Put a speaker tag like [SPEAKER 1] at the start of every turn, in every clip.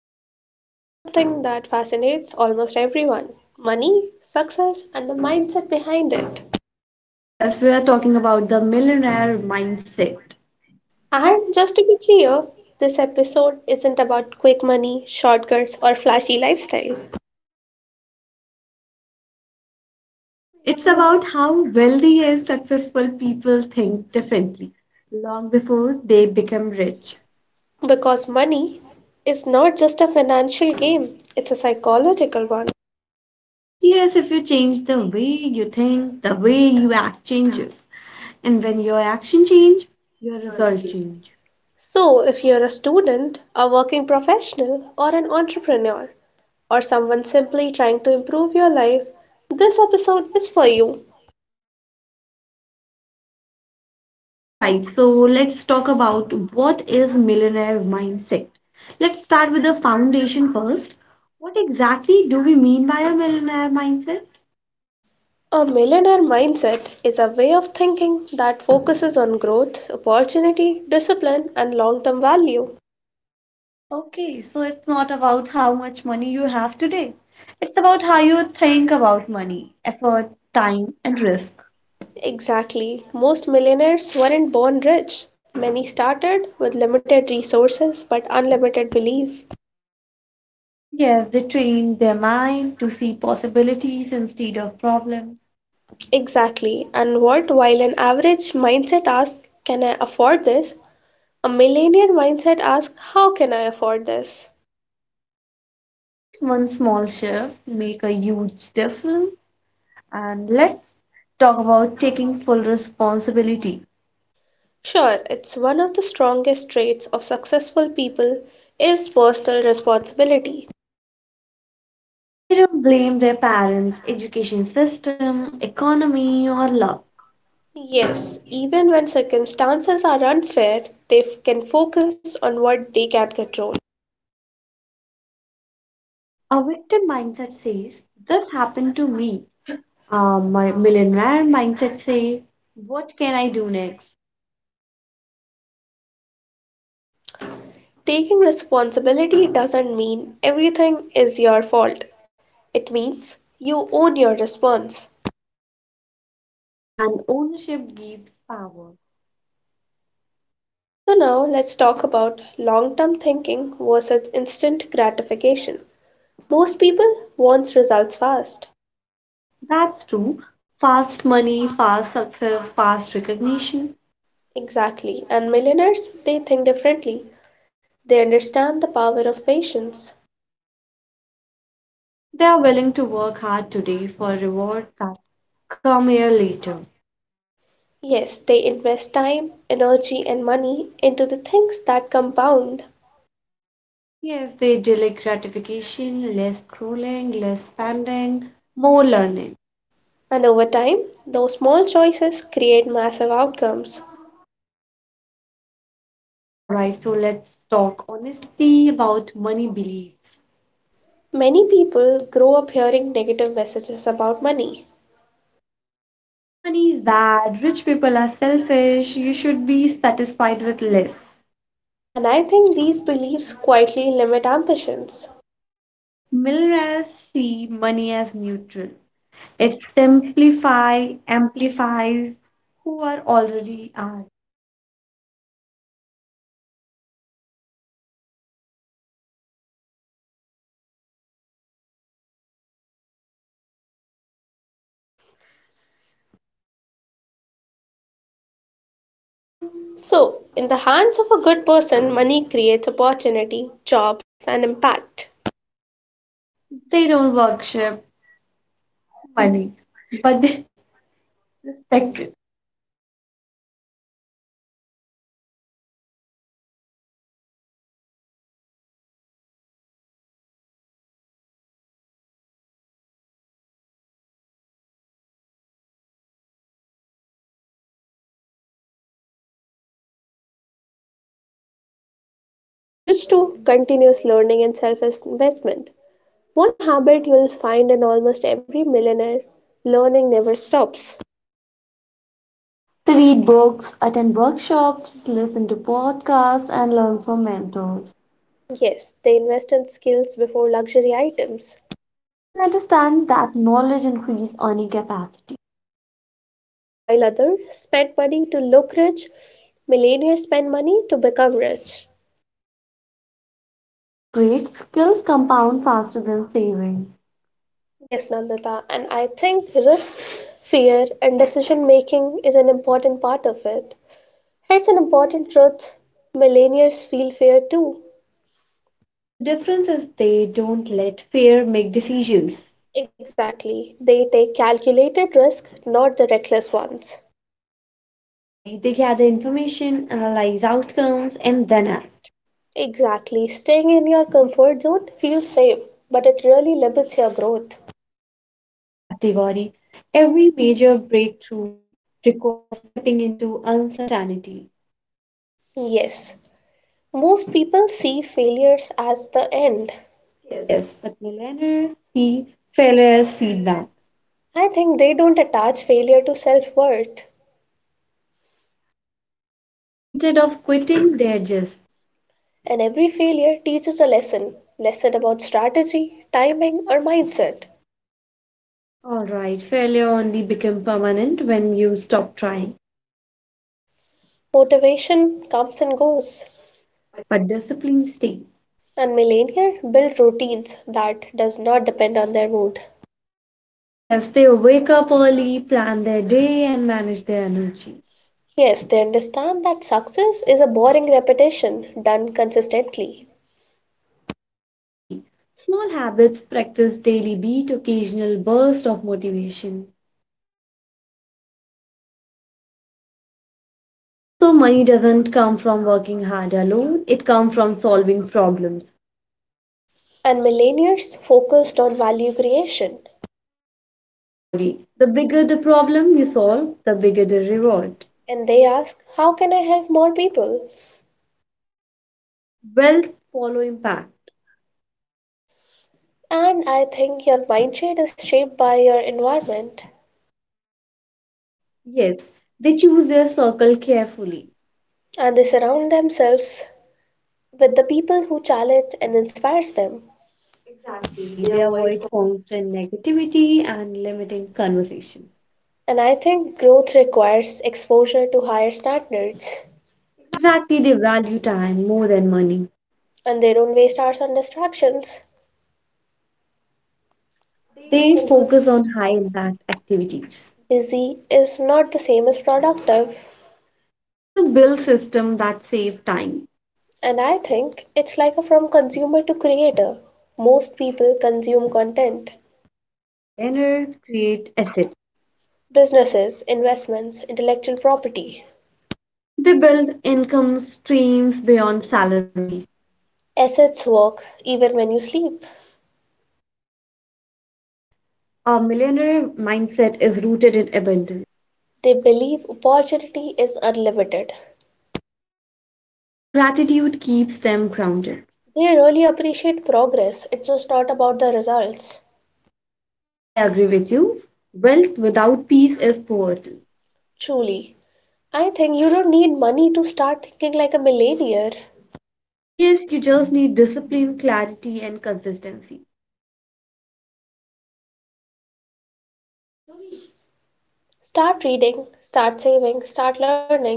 [SPEAKER 1] episode is about something that fascinates almost everyone money, success, and the mindset behind it.
[SPEAKER 2] Yes, we are talking about the millionaire mindset.
[SPEAKER 1] And just to be clear, this episode isn't about quick money, shortcuts, or flashy lifestyle.
[SPEAKER 2] It's about how wealthy and successful people think differently long before they become rich.
[SPEAKER 1] Because money is not just a financial game, it's a psychological one.
[SPEAKER 2] Yes, if you change the way you think, the way you act changes. And when your action change, your result change.
[SPEAKER 1] So, if you're a student, a working professional, or an entrepreneur, or someone simply trying to improve your life, this episode is for you.
[SPEAKER 2] All right, so let's talk about what is millionaire mindset. Let's start with the foundation first. What exactly do we mean by a millionaire mindset?
[SPEAKER 1] A millionaire mindset is a way of thinking that focuses on growth, opportunity, discipline, and long term value.
[SPEAKER 2] Okay, so it's not about how much money you have today. It's about how you think about money, effort, time, and risk.
[SPEAKER 1] Exactly. Most millionaires weren't born rich. Many started with limited resources but unlimited belief.
[SPEAKER 2] Yes, they train their mind to see possibilities instead of problems.
[SPEAKER 1] Exactly. And what, while an average mindset asks, Can I afford this? A millionaire mindset asks, How can I afford this?
[SPEAKER 2] That's one small shift make a huge difference. And let's talk about taking full responsibility.
[SPEAKER 1] Sure, it's one of the strongest traits of successful people is personal responsibility.
[SPEAKER 2] They don't blame their parents, education system, economy, or love.
[SPEAKER 1] Yes, even when circumstances are unfair, they can focus on what they can control.
[SPEAKER 2] A victim mindset says, this happened to me. My millionaire mindset says, what can I do next?
[SPEAKER 1] Taking responsibility doesn't mean everything is your fault. It means you own your response.
[SPEAKER 2] And ownership gives power.
[SPEAKER 1] So, now let's talk about long term thinking versus instant gratification. Most people want results fast.
[SPEAKER 2] That's true. Fast money, fast success, fast recognition.
[SPEAKER 1] Exactly, and millionaires they think differently. They understand the power of patience.
[SPEAKER 2] They are willing to work hard today for rewards that come here later.
[SPEAKER 1] Yes, they invest time, energy, and money into the things that compound.
[SPEAKER 2] Yes, they delay gratification, less scrolling, less spending, more learning.
[SPEAKER 1] And over time, those small choices create massive outcomes.
[SPEAKER 2] All right, so let's talk honestly about money beliefs.
[SPEAKER 1] Many people grow up hearing negative messages about money,
[SPEAKER 2] Money is bad, rich people are selfish, you should be satisfied with less.
[SPEAKER 1] and I think these beliefs quietly limit ambitions.
[SPEAKER 2] Millionaires see money as neutral. It simplify, amplifies who are already are.
[SPEAKER 1] So, in the hands of a good person, money creates opportunity, jobs, and impact.
[SPEAKER 2] They don't worship money, but they respect.
[SPEAKER 1] So, now let's switch to continuous learning and self investment. One habit you'll find in almost every millionaire learning never stops.
[SPEAKER 2] To read books, attend workshops, listen to podcasts, and learn from mentors.
[SPEAKER 1] Yes, they invest in skills before luxury items.
[SPEAKER 2] To understand that knowledge increases earning capacity.
[SPEAKER 1] And while others spend money to look rich, millionaires spend money to become rich.
[SPEAKER 2] That's great. Skills compound faster than saving.
[SPEAKER 1] Yes, Nandita, and I think risk, fear, and decision making is an important part of it. Here's an important truth millennials feel fear too.
[SPEAKER 2] The difference is they don't let fear make decisions.
[SPEAKER 1] Exactly, they take calculated risk, not the reckless ones.
[SPEAKER 2] Yes, Gauri, they gather information, analyze outcomes, and then act.
[SPEAKER 1] Exactly. Staying in your comfort zone feels safe, but it really limits your growth.
[SPEAKER 2] Exactly, Gauri. Every major breakthrough requires stepping into uncertainty.
[SPEAKER 1] Yes, most people see failures as the end.
[SPEAKER 2] Yes, but millennials see failure as feedback.
[SPEAKER 1] I think they don't attach failure to self worth.
[SPEAKER 2] Instead of quitting, they're just,
[SPEAKER 1] And every failure teaches a lesson about strategy, timing, or mindset.
[SPEAKER 2] all right, failure only become permanent when you stop trying,
[SPEAKER 1] Motivation comes and goes.
[SPEAKER 2] but discipline stays.
[SPEAKER 1] And millennials build routines that does not depend on their mood.
[SPEAKER 2] Yes, they wake up early, plan their day, and manage their energy.
[SPEAKER 1] Yes, they understand that success is a boring repetition done consistently.
[SPEAKER 2] Exactly. Small habits, practice daily beat, occasional burst of motivation. Also, money doesn't come from working hard alone, it comes from solving problems.
[SPEAKER 1] And millennials focused on value creation,
[SPEAKER 2] Yes, Cody, the bigger the problem you solve, the bigger the reward.
[SPEAKER 1] and they ask, how can I help more people?
[SPEAKER 2] Wealth follow impact.
[SPEAKER 1] And I think your mindset is shaped by your environment,
[SPEAKER 2] Yes, they choose their circle carefully.
[SPEAKER 1] and they surround themselves with the people who challenge and inspires them.
[SPEAKER 2] Exactly, they avoid constant negativity and limiting conversations.
[SPEAKER 1] And I think growth requires exposure to higher standards,
[SPEAKER 2] Exactly, they value time more than money.
[SPEAKER 1] and they don't waste hours on distractions.
[SPEAKER 2] They focus on high impact activities.
[SPEAKER 1] Busy is not the same as productive.
[SPEAKER 2] They just build systems that save time.
[SPEAKER 1] And I think it's like a from consumer to creator. Most people consume content.
[SPEAKER 2] But millennials create assets.
[SPEAKER 1] Businesses, investments, intellectual property.
[SPEAKER 2] They build income streams beyond salaries.
[SPEAKER 1] Assets work even when you sleep.
[SPEAKER 2] Yes, a millionaire mindset is rooted in abundance.
[SPEAKER 1] They believe opportunity is unlimited.
[SPEAKER 2] Gratitude keeps them grounded.
[SPEAKER 1] They really appreciate progress, it's just not about the results.
[SPEAKER 2] I agree with you. Wealth without peace is poverty.
[SPEAKER 1] Truly. I think you don't need money to start thinking like a millionaire.
[SPEAKER 2] Yes, you just need discipline, clarity, and consistency.
[SPEAKER 1] Start reading, start saving, start learning.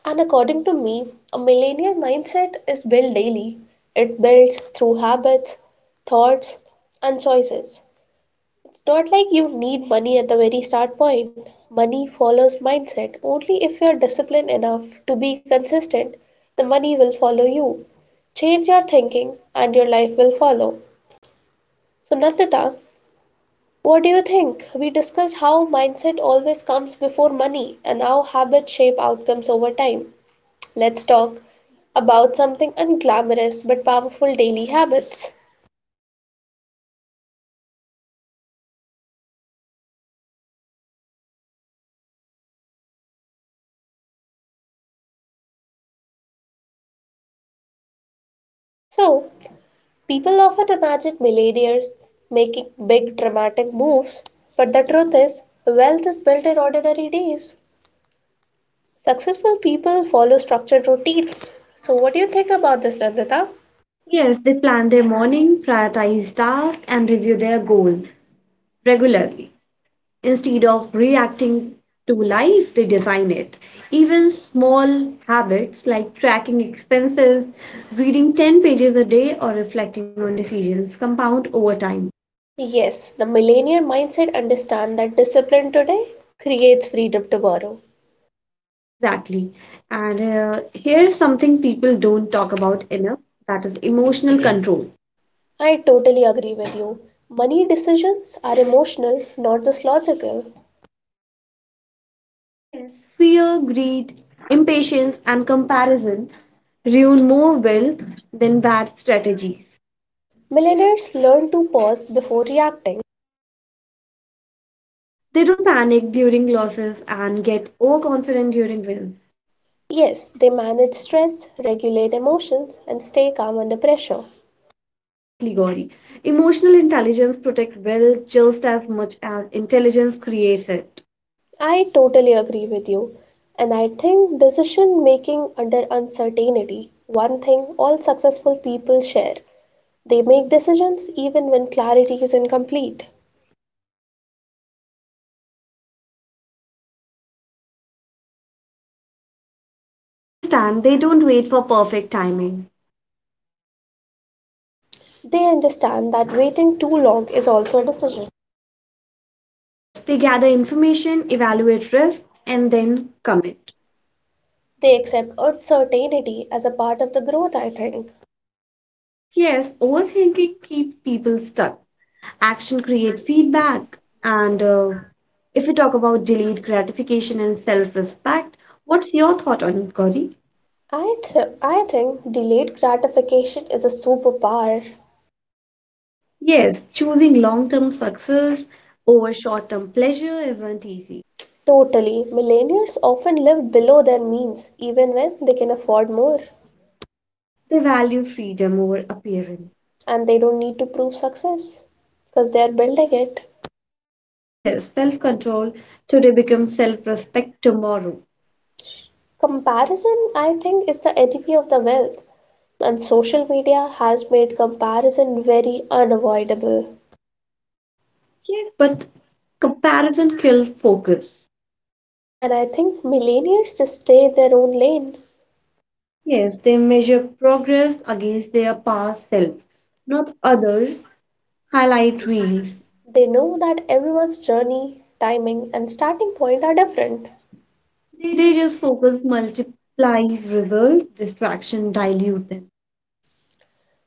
[SPEAKER 1] And according to me, a millennial mindset is built daily. It builds through habits, thoughts, and choices. It's not like you need money at the very start point. Money follows mindset. Only if you're disciplined enough to be consistent, the money will follow you. Change your thinking and your life will follow. So, Nandita, what do you think? We discussed how mindset always comes before money and how habits shape outcomes over time. Let's talk about something unglamorous but powerful daily habits. So, people often imagine millionaires making big dramatic moves, but the truth is, wealth is built in ordinary days. Successful people follow structured routines. So, what do you think about this, Nandita?
[SPEAKER 2] Yes, they plan their morning, prioritize tasks, and review their goals regularly. Instead of reacting to life, they design it. Even small habits like tracking expenses, reading 10 pages a day, or reflecting on decisions compound over time.
[SPEAKER 1] Yes, the millennial mindset understands that discipline today creates freedom tomorrow.
[SPEAKER 2] Exactly. And here's something people don't talk about enough, that is emotional control.
[SPEAKER 1] I totally agree with you. Money decisions are emotional, not just logical.
[SPEAKER 2] Yes, fear, greed, impatience, and comparison ruin more wealth than bad strategies.
[SPEAKER 1] Millionaires learn to pause before reacting.
[SPEAKER 2] They don't panic during losses and get overconfident during wins.
[SPEAKER 1] Yes, they manage stress, regulate emotions, and stay calm under pressure.
[SPEAKER 2] Exactly, Gauri. Emotional intelligence protects wealth just as much as intelligence creates it.
[SPEAKER 1] I totally agree with you. And I think decision making under uncertainty, one thing all successful people share. They make decisions even when clarity is incomplete.
[SPEAKER 2] I understand they don't wait for perfect timing.
[SPEAKER 1] They understand that waiting too long is also a decision.
[SPEAKER 2] Yes, they gather information, evaluate risk, and then commit.
[SPEAKER 1] They accept uncertainty as a part of the growth, I think.
[SPEAKER 2] Yes, overthinking keeps people stuck. Action creates feedback. And if we talk about delayed gratification and self respect, what's your thought on it, Gauri?
[SPEAKER 1] I think delayed gratification is a superpower.
[SPEAKER 2] Yes, choosing long term success over short term pleasure isn't easy.
[SPEAKER 1] Totally. Millennials often live below their means, even when they can afford more.
[SPEAKER 2] They value freedom over appearance.
[SPEAKER 1] And they don't need to prove success because they are building it.
[SPEAKER 2] Yes, self control today becomes self respect tomorrow.
[SPEAKER 1] Comparison, I think, is the enemy of the wealth. And social media has made comparison very unavoidable.
[SPEAKER 2] Yes, but comparison kills focus.
[SPEAKER 1] And I think millennials just stay in their own lane.
[SPEAKER 2] Yes, they measure progress against their past self, not others' highlight reels.
[SPEAKER 1] They know that everyone's journey, timing, and starting point are different.
[SPEAKER 2] They just focus multiplies results, distraction dilute them.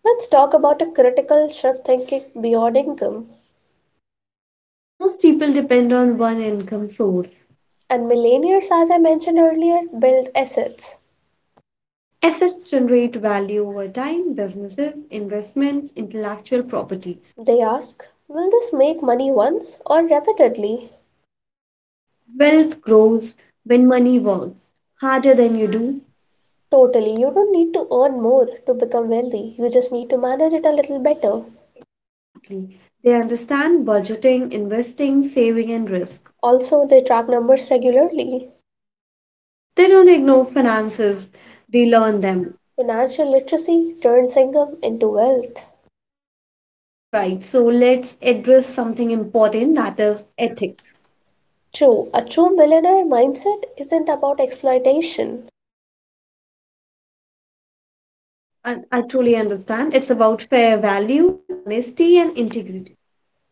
[SPEAKER 1] Let's talk about a critical shift thinking beyond income.
[SPEAKER 2] Most people depend on one income source.
[SPEAKER 1] And millennials, as I mentioned earlier, build assets.
[SPEAKER 2] Assets generate value over time, businesses, investments, intellectual property.
[SPEAKER 1] They ask, will this make money once or repeatedly?
[SPEAKER 2] Wealth grows when money works harder than you do.
[SPEAKER 1] Totally. You don't need to earn more to become wealthy. You just need to manage it a little better.
[SPEAKER 2] Exactly. They understand budgeting, investing, saving, and risk.
[SPEAKER 1] Also, they track numbers regularly.
[SPEAKER 2] They don't ignore finances, they learn them.
[SPEAKER 1] Financial literacy turns income into wealth.
[SPEAKER 2] All right, so let's address something important that is ethics.
[SPEAKER 1] True, a true millionaire mindset isn't about exploitation.
[SPEAKER 2] I truly I truly understand. It's about fair value, honesty, and integrity.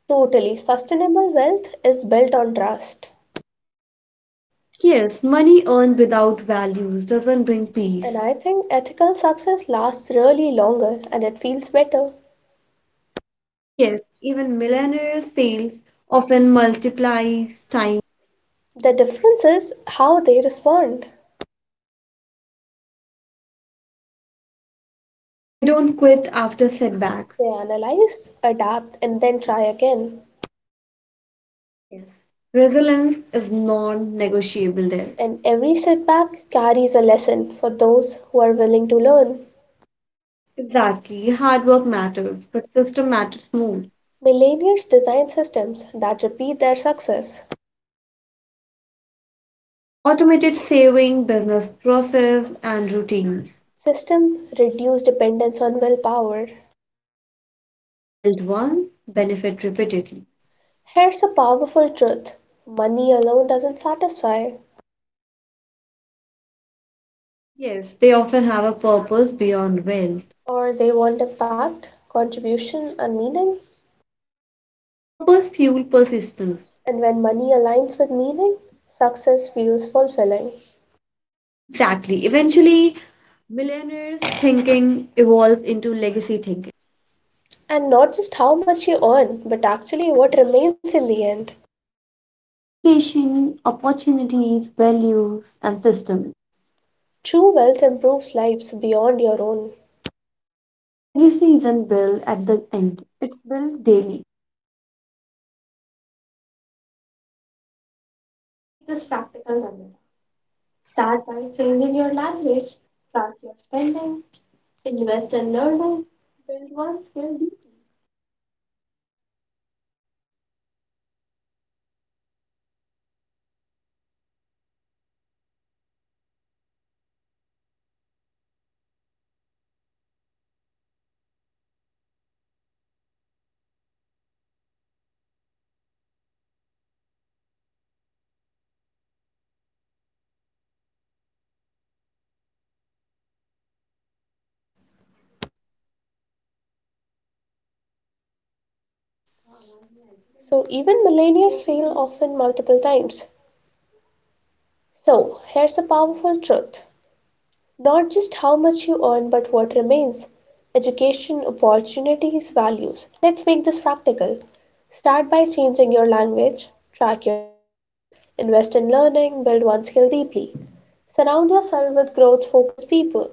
[SPEAKER 1] Totally, sustainable wealth is built on trust.
[SPEAKER 2] Yes, money earned without values doesn't bring peace.
[SPEAKER 1] And I think ethical success lasts really longer and it feels better.
[SPEAKER 2] Yes, even millionaires fails often multiplies time.
[SPEAKER 1] The difference is how they respond.
[SPEAKER 2] They don't quit after setbacks.
[SPEAKER 1] They analyze, adapt, and then try again.
[SPEAKER 2] Yes, resilience is non-negotiable there.
[SPEAKER 1] And every setback carries a lesson for those who are willing to learn.
[SPEAKER 2] Exactly. Hard work matters, but system matters more.
[SPEAKER 1] Millennials design systems that repeat their success.
[SPEAKER 2] Automated saving, business process, and routines.
[SPEAKER 1] System reduce dependence on willpower.
[SPEAKER 2] Build once, benefit repeatedly.
[SPEAKER 1] Here's a powerful truth money alone doesn't satisfy,
[SPEAKER 2] Yes, they often have a purpose beyond wealth.
[SPEAKER 1] or they want impact, contribution, and meaning.
[SPEAKER 2] Purpose fuel persistence.
[SPEAKER 1] And when money aligns with meaning, success feels fulfilling.
[SPEAKER 2] Exactly. Eventually, millionaires thinking evolves into legacy thinking.
[SPEAKER 1] And not just how much you earn, but actually what remains in the end.
[SPEAKER 2] Education, opportunities, values, and systems.
[SPEAKER 1] True wealth improves lives beyond your own.
[SPEAKER 2] Legacy isn't built at the end, it's built daily. Let's make this practical, Ramya. Start by changing your language, track your spending, invest in learning, build one skill deeply,
[SPEAKER 1] So even millennials fail often multiple times. So here's a powerful truth not just how much you earn, but what remains education, opportunities, values. Let's make this practical. Start by changing your language, track your spending, invest in learning, build one skill deeply. Surround yourself with growth focused people.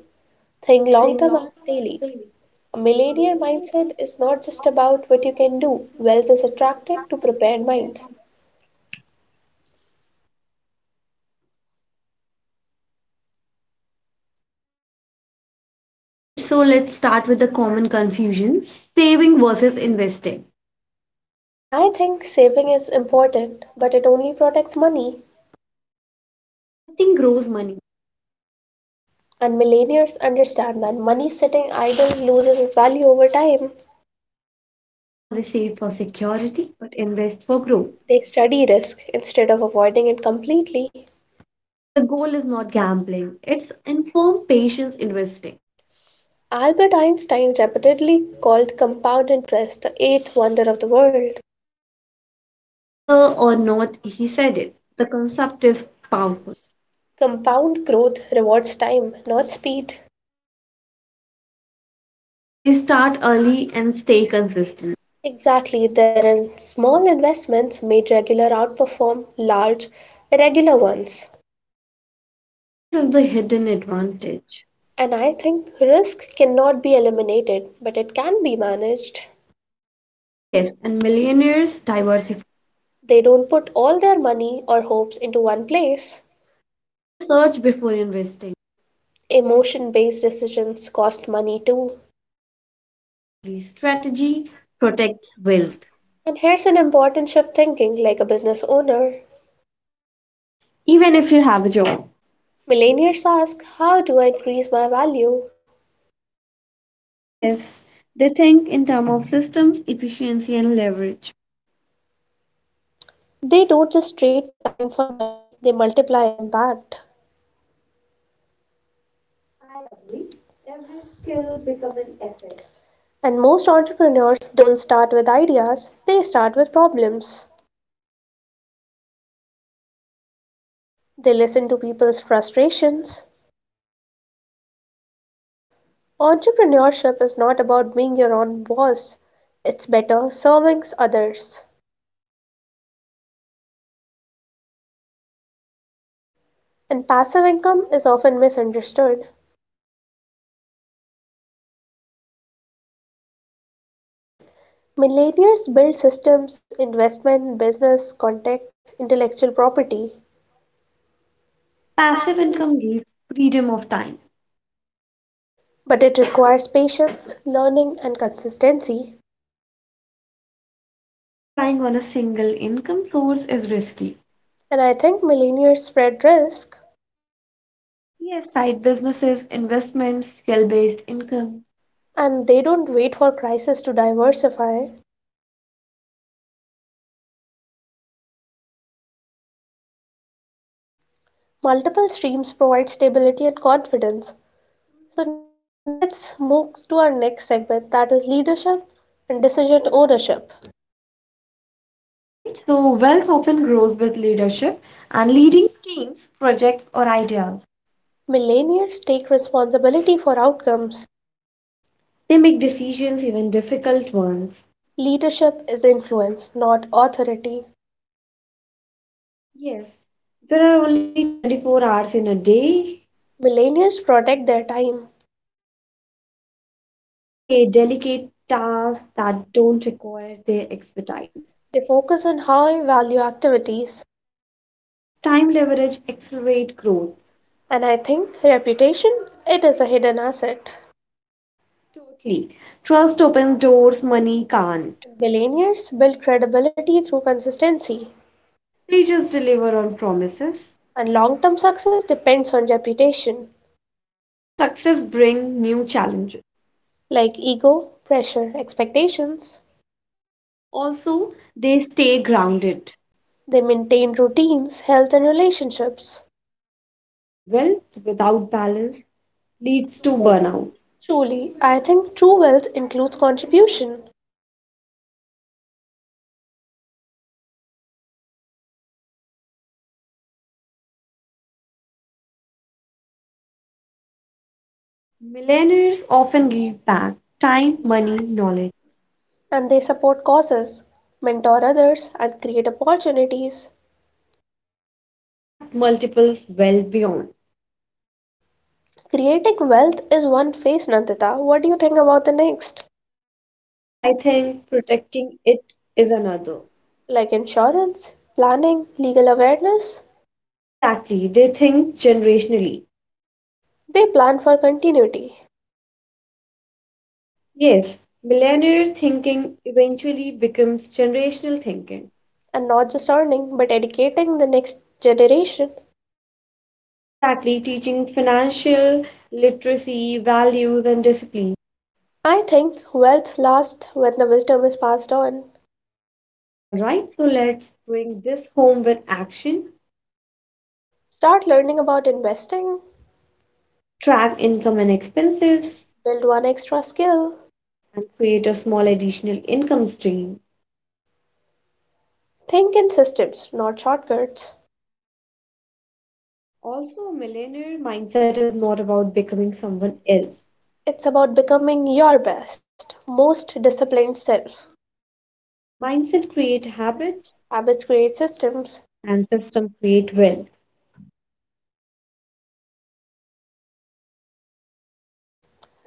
[SPEAKER 1] Think long
[SPEAKER 2] think
[SPEAKER 1] term,
[SPEAKER 2] long
[SPEAKER 1] act
[SPEAKER 2] term and
[SPEAKER 1] daily.
[SPEAKER 2] daily.
[SPEAKER 1] A millionaire
[SPEAKER 2] Maybe
[SPEAKER 1] mindset
[SPEAKER 2] wealth
[SPEAKER 1] is not
[SPEAKER 2] is
[SPEAKER 1] just
[SPEAKER 2] not just
[SPEAKER 1] about what
[SPEAKER 2] about
[SPEAKER 1] you
[SPEAKER 2] what
[SPEAKER 1] can
[SPEAKER 2] you can
[SPEAKER 1] do,
[SPEAKER 2] do,
[SPEAKER 1] wealth is
[SPEAKER 2] wealth is a
[SPEAKER 1] attracted to
[SPEAKER 2] practice to
[SPEAKER 1] prepared
[SPEAKER 2] prepare
[SPEAKER 1] minds.
[SPEAKER 2] money. All right, so let's start with the common confusions: saving versus investing.
[SPEAKER 1] I think saving is important, but it only protects money,
[SPEAKER 2] Investing grows money,
[SPEAKER 1] and millennials understand that money sitting idle loses its value over time.
[SPEAKER 2] and also they save for security but invest for growth.
[SPEAKER 1] They study risk instead of avoiding it completely.
[SPEAKER 2] The goal is not gambling, it's informed patience investing.
[SPEAKER 1] Albert Einstein repeatedly called compound interest the eighth wonder of the world.
[SPEAKER 2] Whether or not he said it, the concept is powerful.
[SPEAKER 1] Compound growth rewards time, not speed.
[SPEAKER 2] Yes, they start early and stay consistent.
[SPEAKER 1] Exactly, there are small investments made regular outperform large irregular ones.
[SPEAKER 2] Patience is the hidden advantage.
[SPEAKER 1] And I think risk cannot be eliminated, but it can be managed.
[SPEAKER 2] Yes, and millionaires diversify.
[SPEAKER 1] They don't put all their money or hopes into one place.
[SPEAKER 2] They research before investing.
[SPEAKER 1] Emotion based decisions cost money too.
[SPEAKER 2] Exactly, strategy protects wealth,
[SPEAKER 1] And here's an important shift thinking like a business owner.
[SPEAKER 2] even if you have a job.
[SPEAKER 1] Millennials ask, how do I increase my value?
[SPEAKER 2] Yes, they think in terms of systems, efficiency, and leverage.
[SPEAKER 1] They don't just trade time for money, they multiply impact.
[SPEAKER 2] I agree. Every skill becomes an asset.
[SPEAKER 1] And most entrepreneurs don't start with ideas, they start with problems.
[SPEAKER 2] They observe gaps in the market
[SPEAKER 1] They listen to people's frustrations.
[SPEAKER 2] and then they create solutions.
[SPEAKER 1] Entrepreneurship is not about being your own boss, it's better serving others.
[SPEAKER 2] Exactly. Profit follow service.
[SPEAKER 1] And passive income is often misunderstood.
[SPEAKER 2] It's not no work. It's work once on repeatedly.
[SPEAKER 1] Millennials build systems, investment, business, contact, intellectual property,
[SPEAKER 2] Passive income gives freedom of time.
[SPEAKER 1] but it requires patience, learning, and consistency.
[SPEAKER 2] Relying on a single income source is risky.
[SPEAKER 1] And I think millennials spread risk
[SPEAKER 2] Yes, side businesses, investments, skill based income.
[SPEAKER 1] and they don't wait for crisis to diversify. Multiple streams provide stability and confidence. So now, Nandita, let's move to our next segment that is leadership and decision ownership.
[SPEAKER 2] All right. So, wealth often grows with leadership and leading teams, projects, or ideas.
[SPEAKER 1] Millennials take responsibility for outcomes.
[SPEAKER 2] They make decisions, even difficult ones.
[SPEAKER 1] Leadership is influence, not authority.
[SPEAKER 2] Yes. There are only 24 hours in a day.
[SPEAKER 1] Millennials protect their time.
[SPEAKER 2] They delegate tasks that don't require their expertise.
[SPEAKER 1] They focus on high value activities.
[SPEAKER 2] Time leverage accelerate growth.
[SPEAKER 1] And I think reputation, it is a hidden asset.
[SPEAKER 2] Totally. Trust opens doors money can't.
[SPEAKER 1] Millennials build credibility through consistency,
[SPEAKER 2] They just deliver on promises
[SPEAKER 1] and long term success depends on reputation.
[SPEAKER 2] because success brings new challenges.
[SPEAKER 1] Like ego, pressure, expectations,
[SPEAKER 2] Also, they stay grounded.
[SPEAKER 1] they maintain routines, health, and relationships.
[SPEAKER 2] And wealth without balance leads to burnout.
[SPEAKER 1] Truly, I think true wealth includes contribution,
[SPEAKER 2] Millionaires often give back time, money, knowledge.
[SPEAKER 1] and they support causes, mentor others, and create opportunities.
[SPEAKER 2] Impact multiples well beyond.
[SPEAKER 1] Creating wealth is one phase, Nandita. What do you think about the next?
[SPEAKER 2] For you, I think protecting it is another.
[SPEAKER 1] Like insurance, planning, legal awareness?
[SPEAKER 2] Exactly, they think generationally.
[SPEAKER 1] They plan for continuity
[SPEAKER 2] Yes, millennial thinking eventually becomes generational thinking.
[SPEAKER 1] and not just earning but educating the next generation.
[SPEAKER 2] Exactly, teaching financial literacy, values, and discipline.
[SPEAKER 1] I think wealth lasts when the wisdom is passed on.
[SPEAKER 2] All right, so let's bring this home with action,
[SPEAKER 1] Start learning about investing,
[SPEAKER 2] track income and expenses,
[SPEAKER 1] build one extra skill,
[SPEAKER 2] and create a small additional income stream.
[SPEAKER 1] think in systems, not shortcuts.
[SPEAKER 2] Also, a millennial mindset is not about becoming someone else.
[SPEAKER 1] It's about becoming your best, most disciplined self.
[SPEAKER 2] Mindset create habits
[SPEAKER 1] Habits create systems.
[SPEAKER 2] and system create wealth.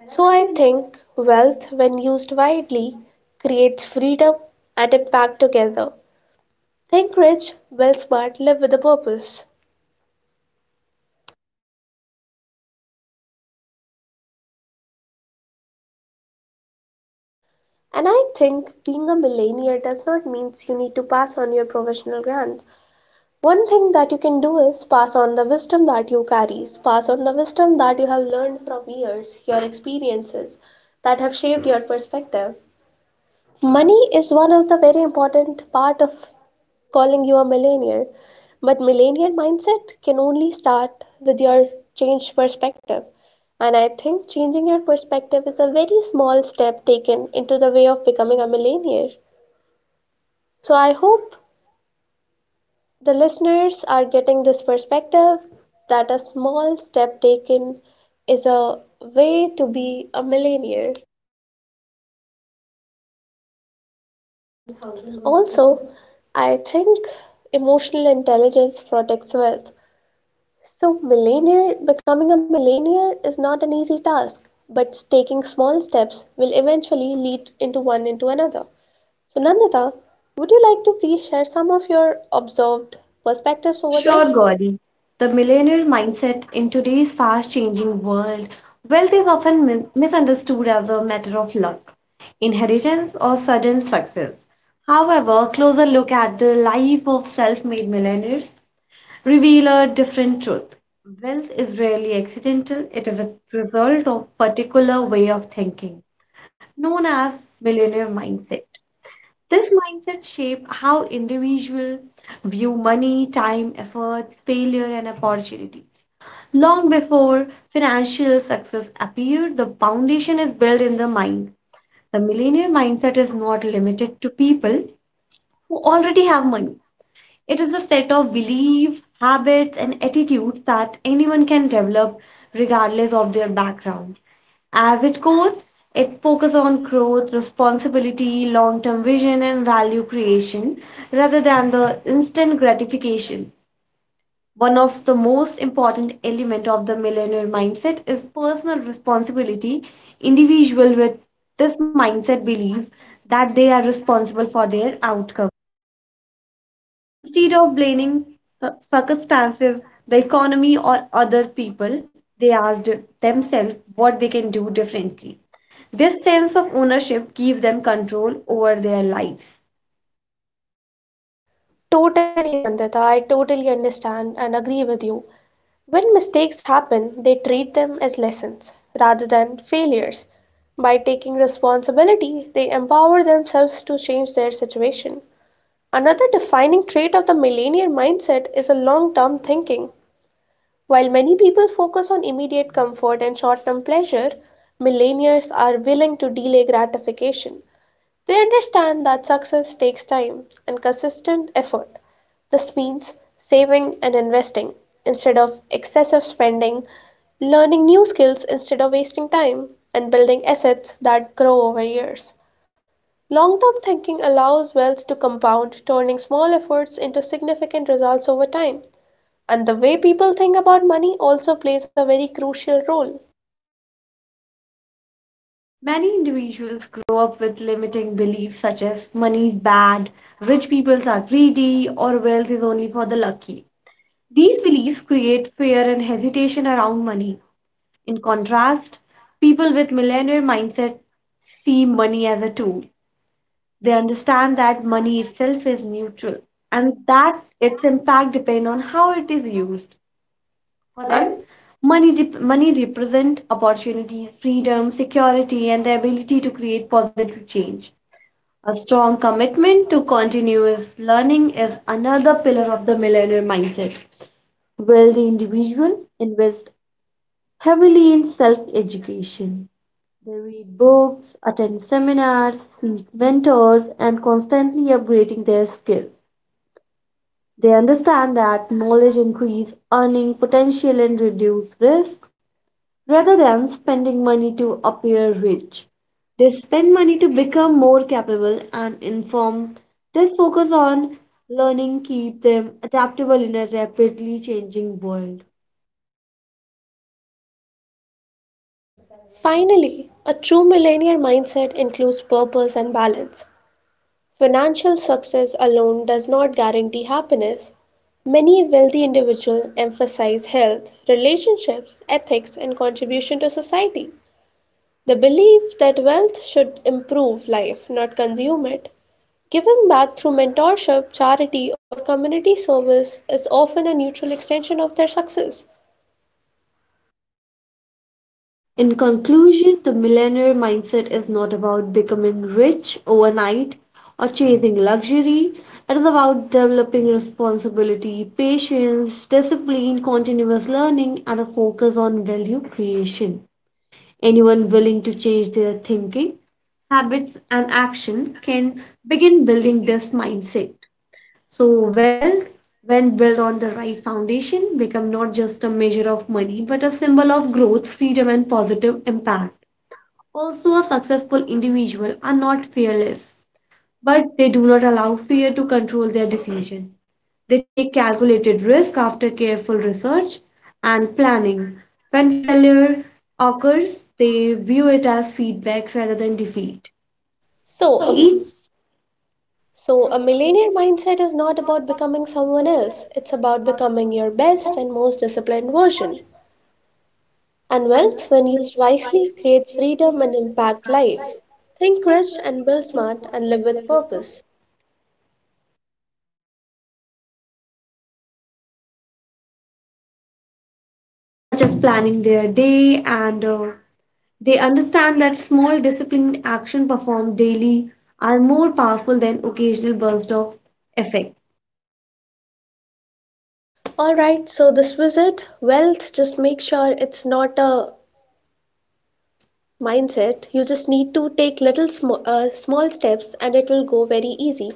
[SPEAKER 1] So I think wealth, when used widely, creates freedom and impact together. Think rich, well smart, live with a purpose. And I think being a millionaire does not mean you need to pass on your professional grant. One thing that you can do is pass on the wisdom that you carries, pass on the wisdom that you have learned from years, your experiences that have shaped your perspective. Money is one of the very important part of calling you a millionaire, but millionaire mindset can only start with your changed perspective. And I think changing your perspective is a very small step taken into the way of becoming a millionaire. So I hope the listeners are getting this perspective that a small step taken is a way to be a millionaire. Also, I think emotional intelligence protects wealth. So, millionaire becoming a millionaire is not an easy task, but taking small steps will eventually lead into one into another. So, Nandita, would you like to please share some of your observed perspectives over
[SPEAKER 2] Sure,
[SPEAKER 1] this?
[SPEAKER 2] Gauri. The millionaire mindset in today's fast changing world, wealth is often misunderstood as a matter of luck, inheritance, or sudden success. However, closer look at the life of self made millionaires reveal a different truth. Wealth is rarely accidental, it is a result of particular way of thinking, known as millionaire mindset. This mindset shape how individual view money, time, efforts, failure, and opportunity. Long before financial success appeared, the foundation is built in the mind. The millionaire mindset is not limited to people who already have money. It is a set of beliefs, habits, and attitudes that anyone can develop regardless of their background. As its core, it focuses on growth, responsibility, long term vision, and value creation rather than the instant gratification. One of the most important elements of the millennial mindset is personal responsibility. Individual with this mindset believe that they are responsible for their outcome. Instead of blaming circumstances, the economy, or other people, they asked themselves what they can do differently. This sense of ownership gives them control over their lives.
[SPEAKER 1] Totally, Nandita. I totally understand and agree with you. When mistakes happen, they treat them as lessons rather than failures. By taking responsibility, they empower themselves to change their situation. Another defining trait of the millennial mindset is a long term thinking. While many people focus on immediate comfort and short term pleasure, millennials are willing to delay gratification. They understand that success takes time and consistent effort. This means saving and investing instead of excessive spending, learning new skills instead of wasting time, and building assets that grow over years. Long term thinking allows wealth to compound, turning small efforts into significant results over time. And the way people think about money also plays a very crucial role.
[SPEAKER 2] Many individuals grow up with limiting beliefs such as money is bad, rich people are greedy, or wealth is only for the lucky. These beliefs create fear and hesitation around money. In contrast, people with millionaire mindset see money as a tool. They understand that money itself is neutral and that its impact depends on how it is used. For them,
[SPEAKER 1] And
[SPEAKER 2] money represent opportunities, freedom, security, and the ability to create positive change. A strong commitment to continuous learning is another pillar of the millennial mindset. Will the individual invest heavily in self education. They read books, attend seminars, seek mentors, and constantly upgrading their skills. They understand that knowledge increase earning potential and reduce risk rather than spending money to appear rich. They spend money to become more capable and informed. This focus on learning keep them adaptable in a rapidly changing world.
[SPEAKER 1] finally, a true millennial mindset includes purpose and balance. Financial success alone does not guarantee happiness. Many wealthy individuals emphasize health, relationships, ethics, and contribution to society. The belief that wealth should improve life, not consume it. Giving back through mentorship, charity, or community service is often a neutral extension of their success.
[SPEAKER 2] In conclusion, the millionaire mindset is not about becoming rich overnight or chasing luxury. It is about developing responsibility, patience, discipline, continuous learning, and a focus on value creation. Anyone willing to change their thinking, habits, and action can begin building this mindset. So, wealth, when built on the right foundation, become not just a measure of money but a symbol of growth, freedom, and positive impact. Also, a successful individual are not fearless, but they do not allow fear to control their decision. They take calculated risk after careful research and planning. When failure occurs, they view it as feedback rather than defeat.
[SPEAKER 1] So, um,
[SPEAKER 2] Each
[SPEAKER 1] so a millionaire mindset is not about becoming someone else, it's about becoming your best and most disciplined version. And wealth, when used wisely, creates freedom and impact life. Think rich and build smart and live with purpose.
[SPEAKER 2] such as planning their day and they understand that small disciplined action performed daily are more powerful than occasional bursts of effect.
[SPEAKER 1] Alright, so this was it. Wealth, just make sure it's not a mindset. You just need to take little small steps and it will go very easy.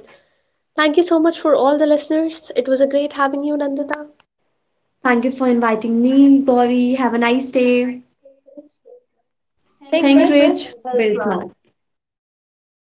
[SPEAKER 1] Thank you so much for all the listeners. It was a great having you, Nandita.
[SPEAKER 2] Thank you for inviting me, Gauri. Have a nice day.
[SPEAKER 1] Thank Think you.
[SPEAKER 2] Think
[SPEAKER 1] Rich,
[SPEAKER 2] rich,
[SPEAKER 1] build
[SPEAKER 2] build
[SPEAKER 1] smart.
[SPEAKER 2] smart.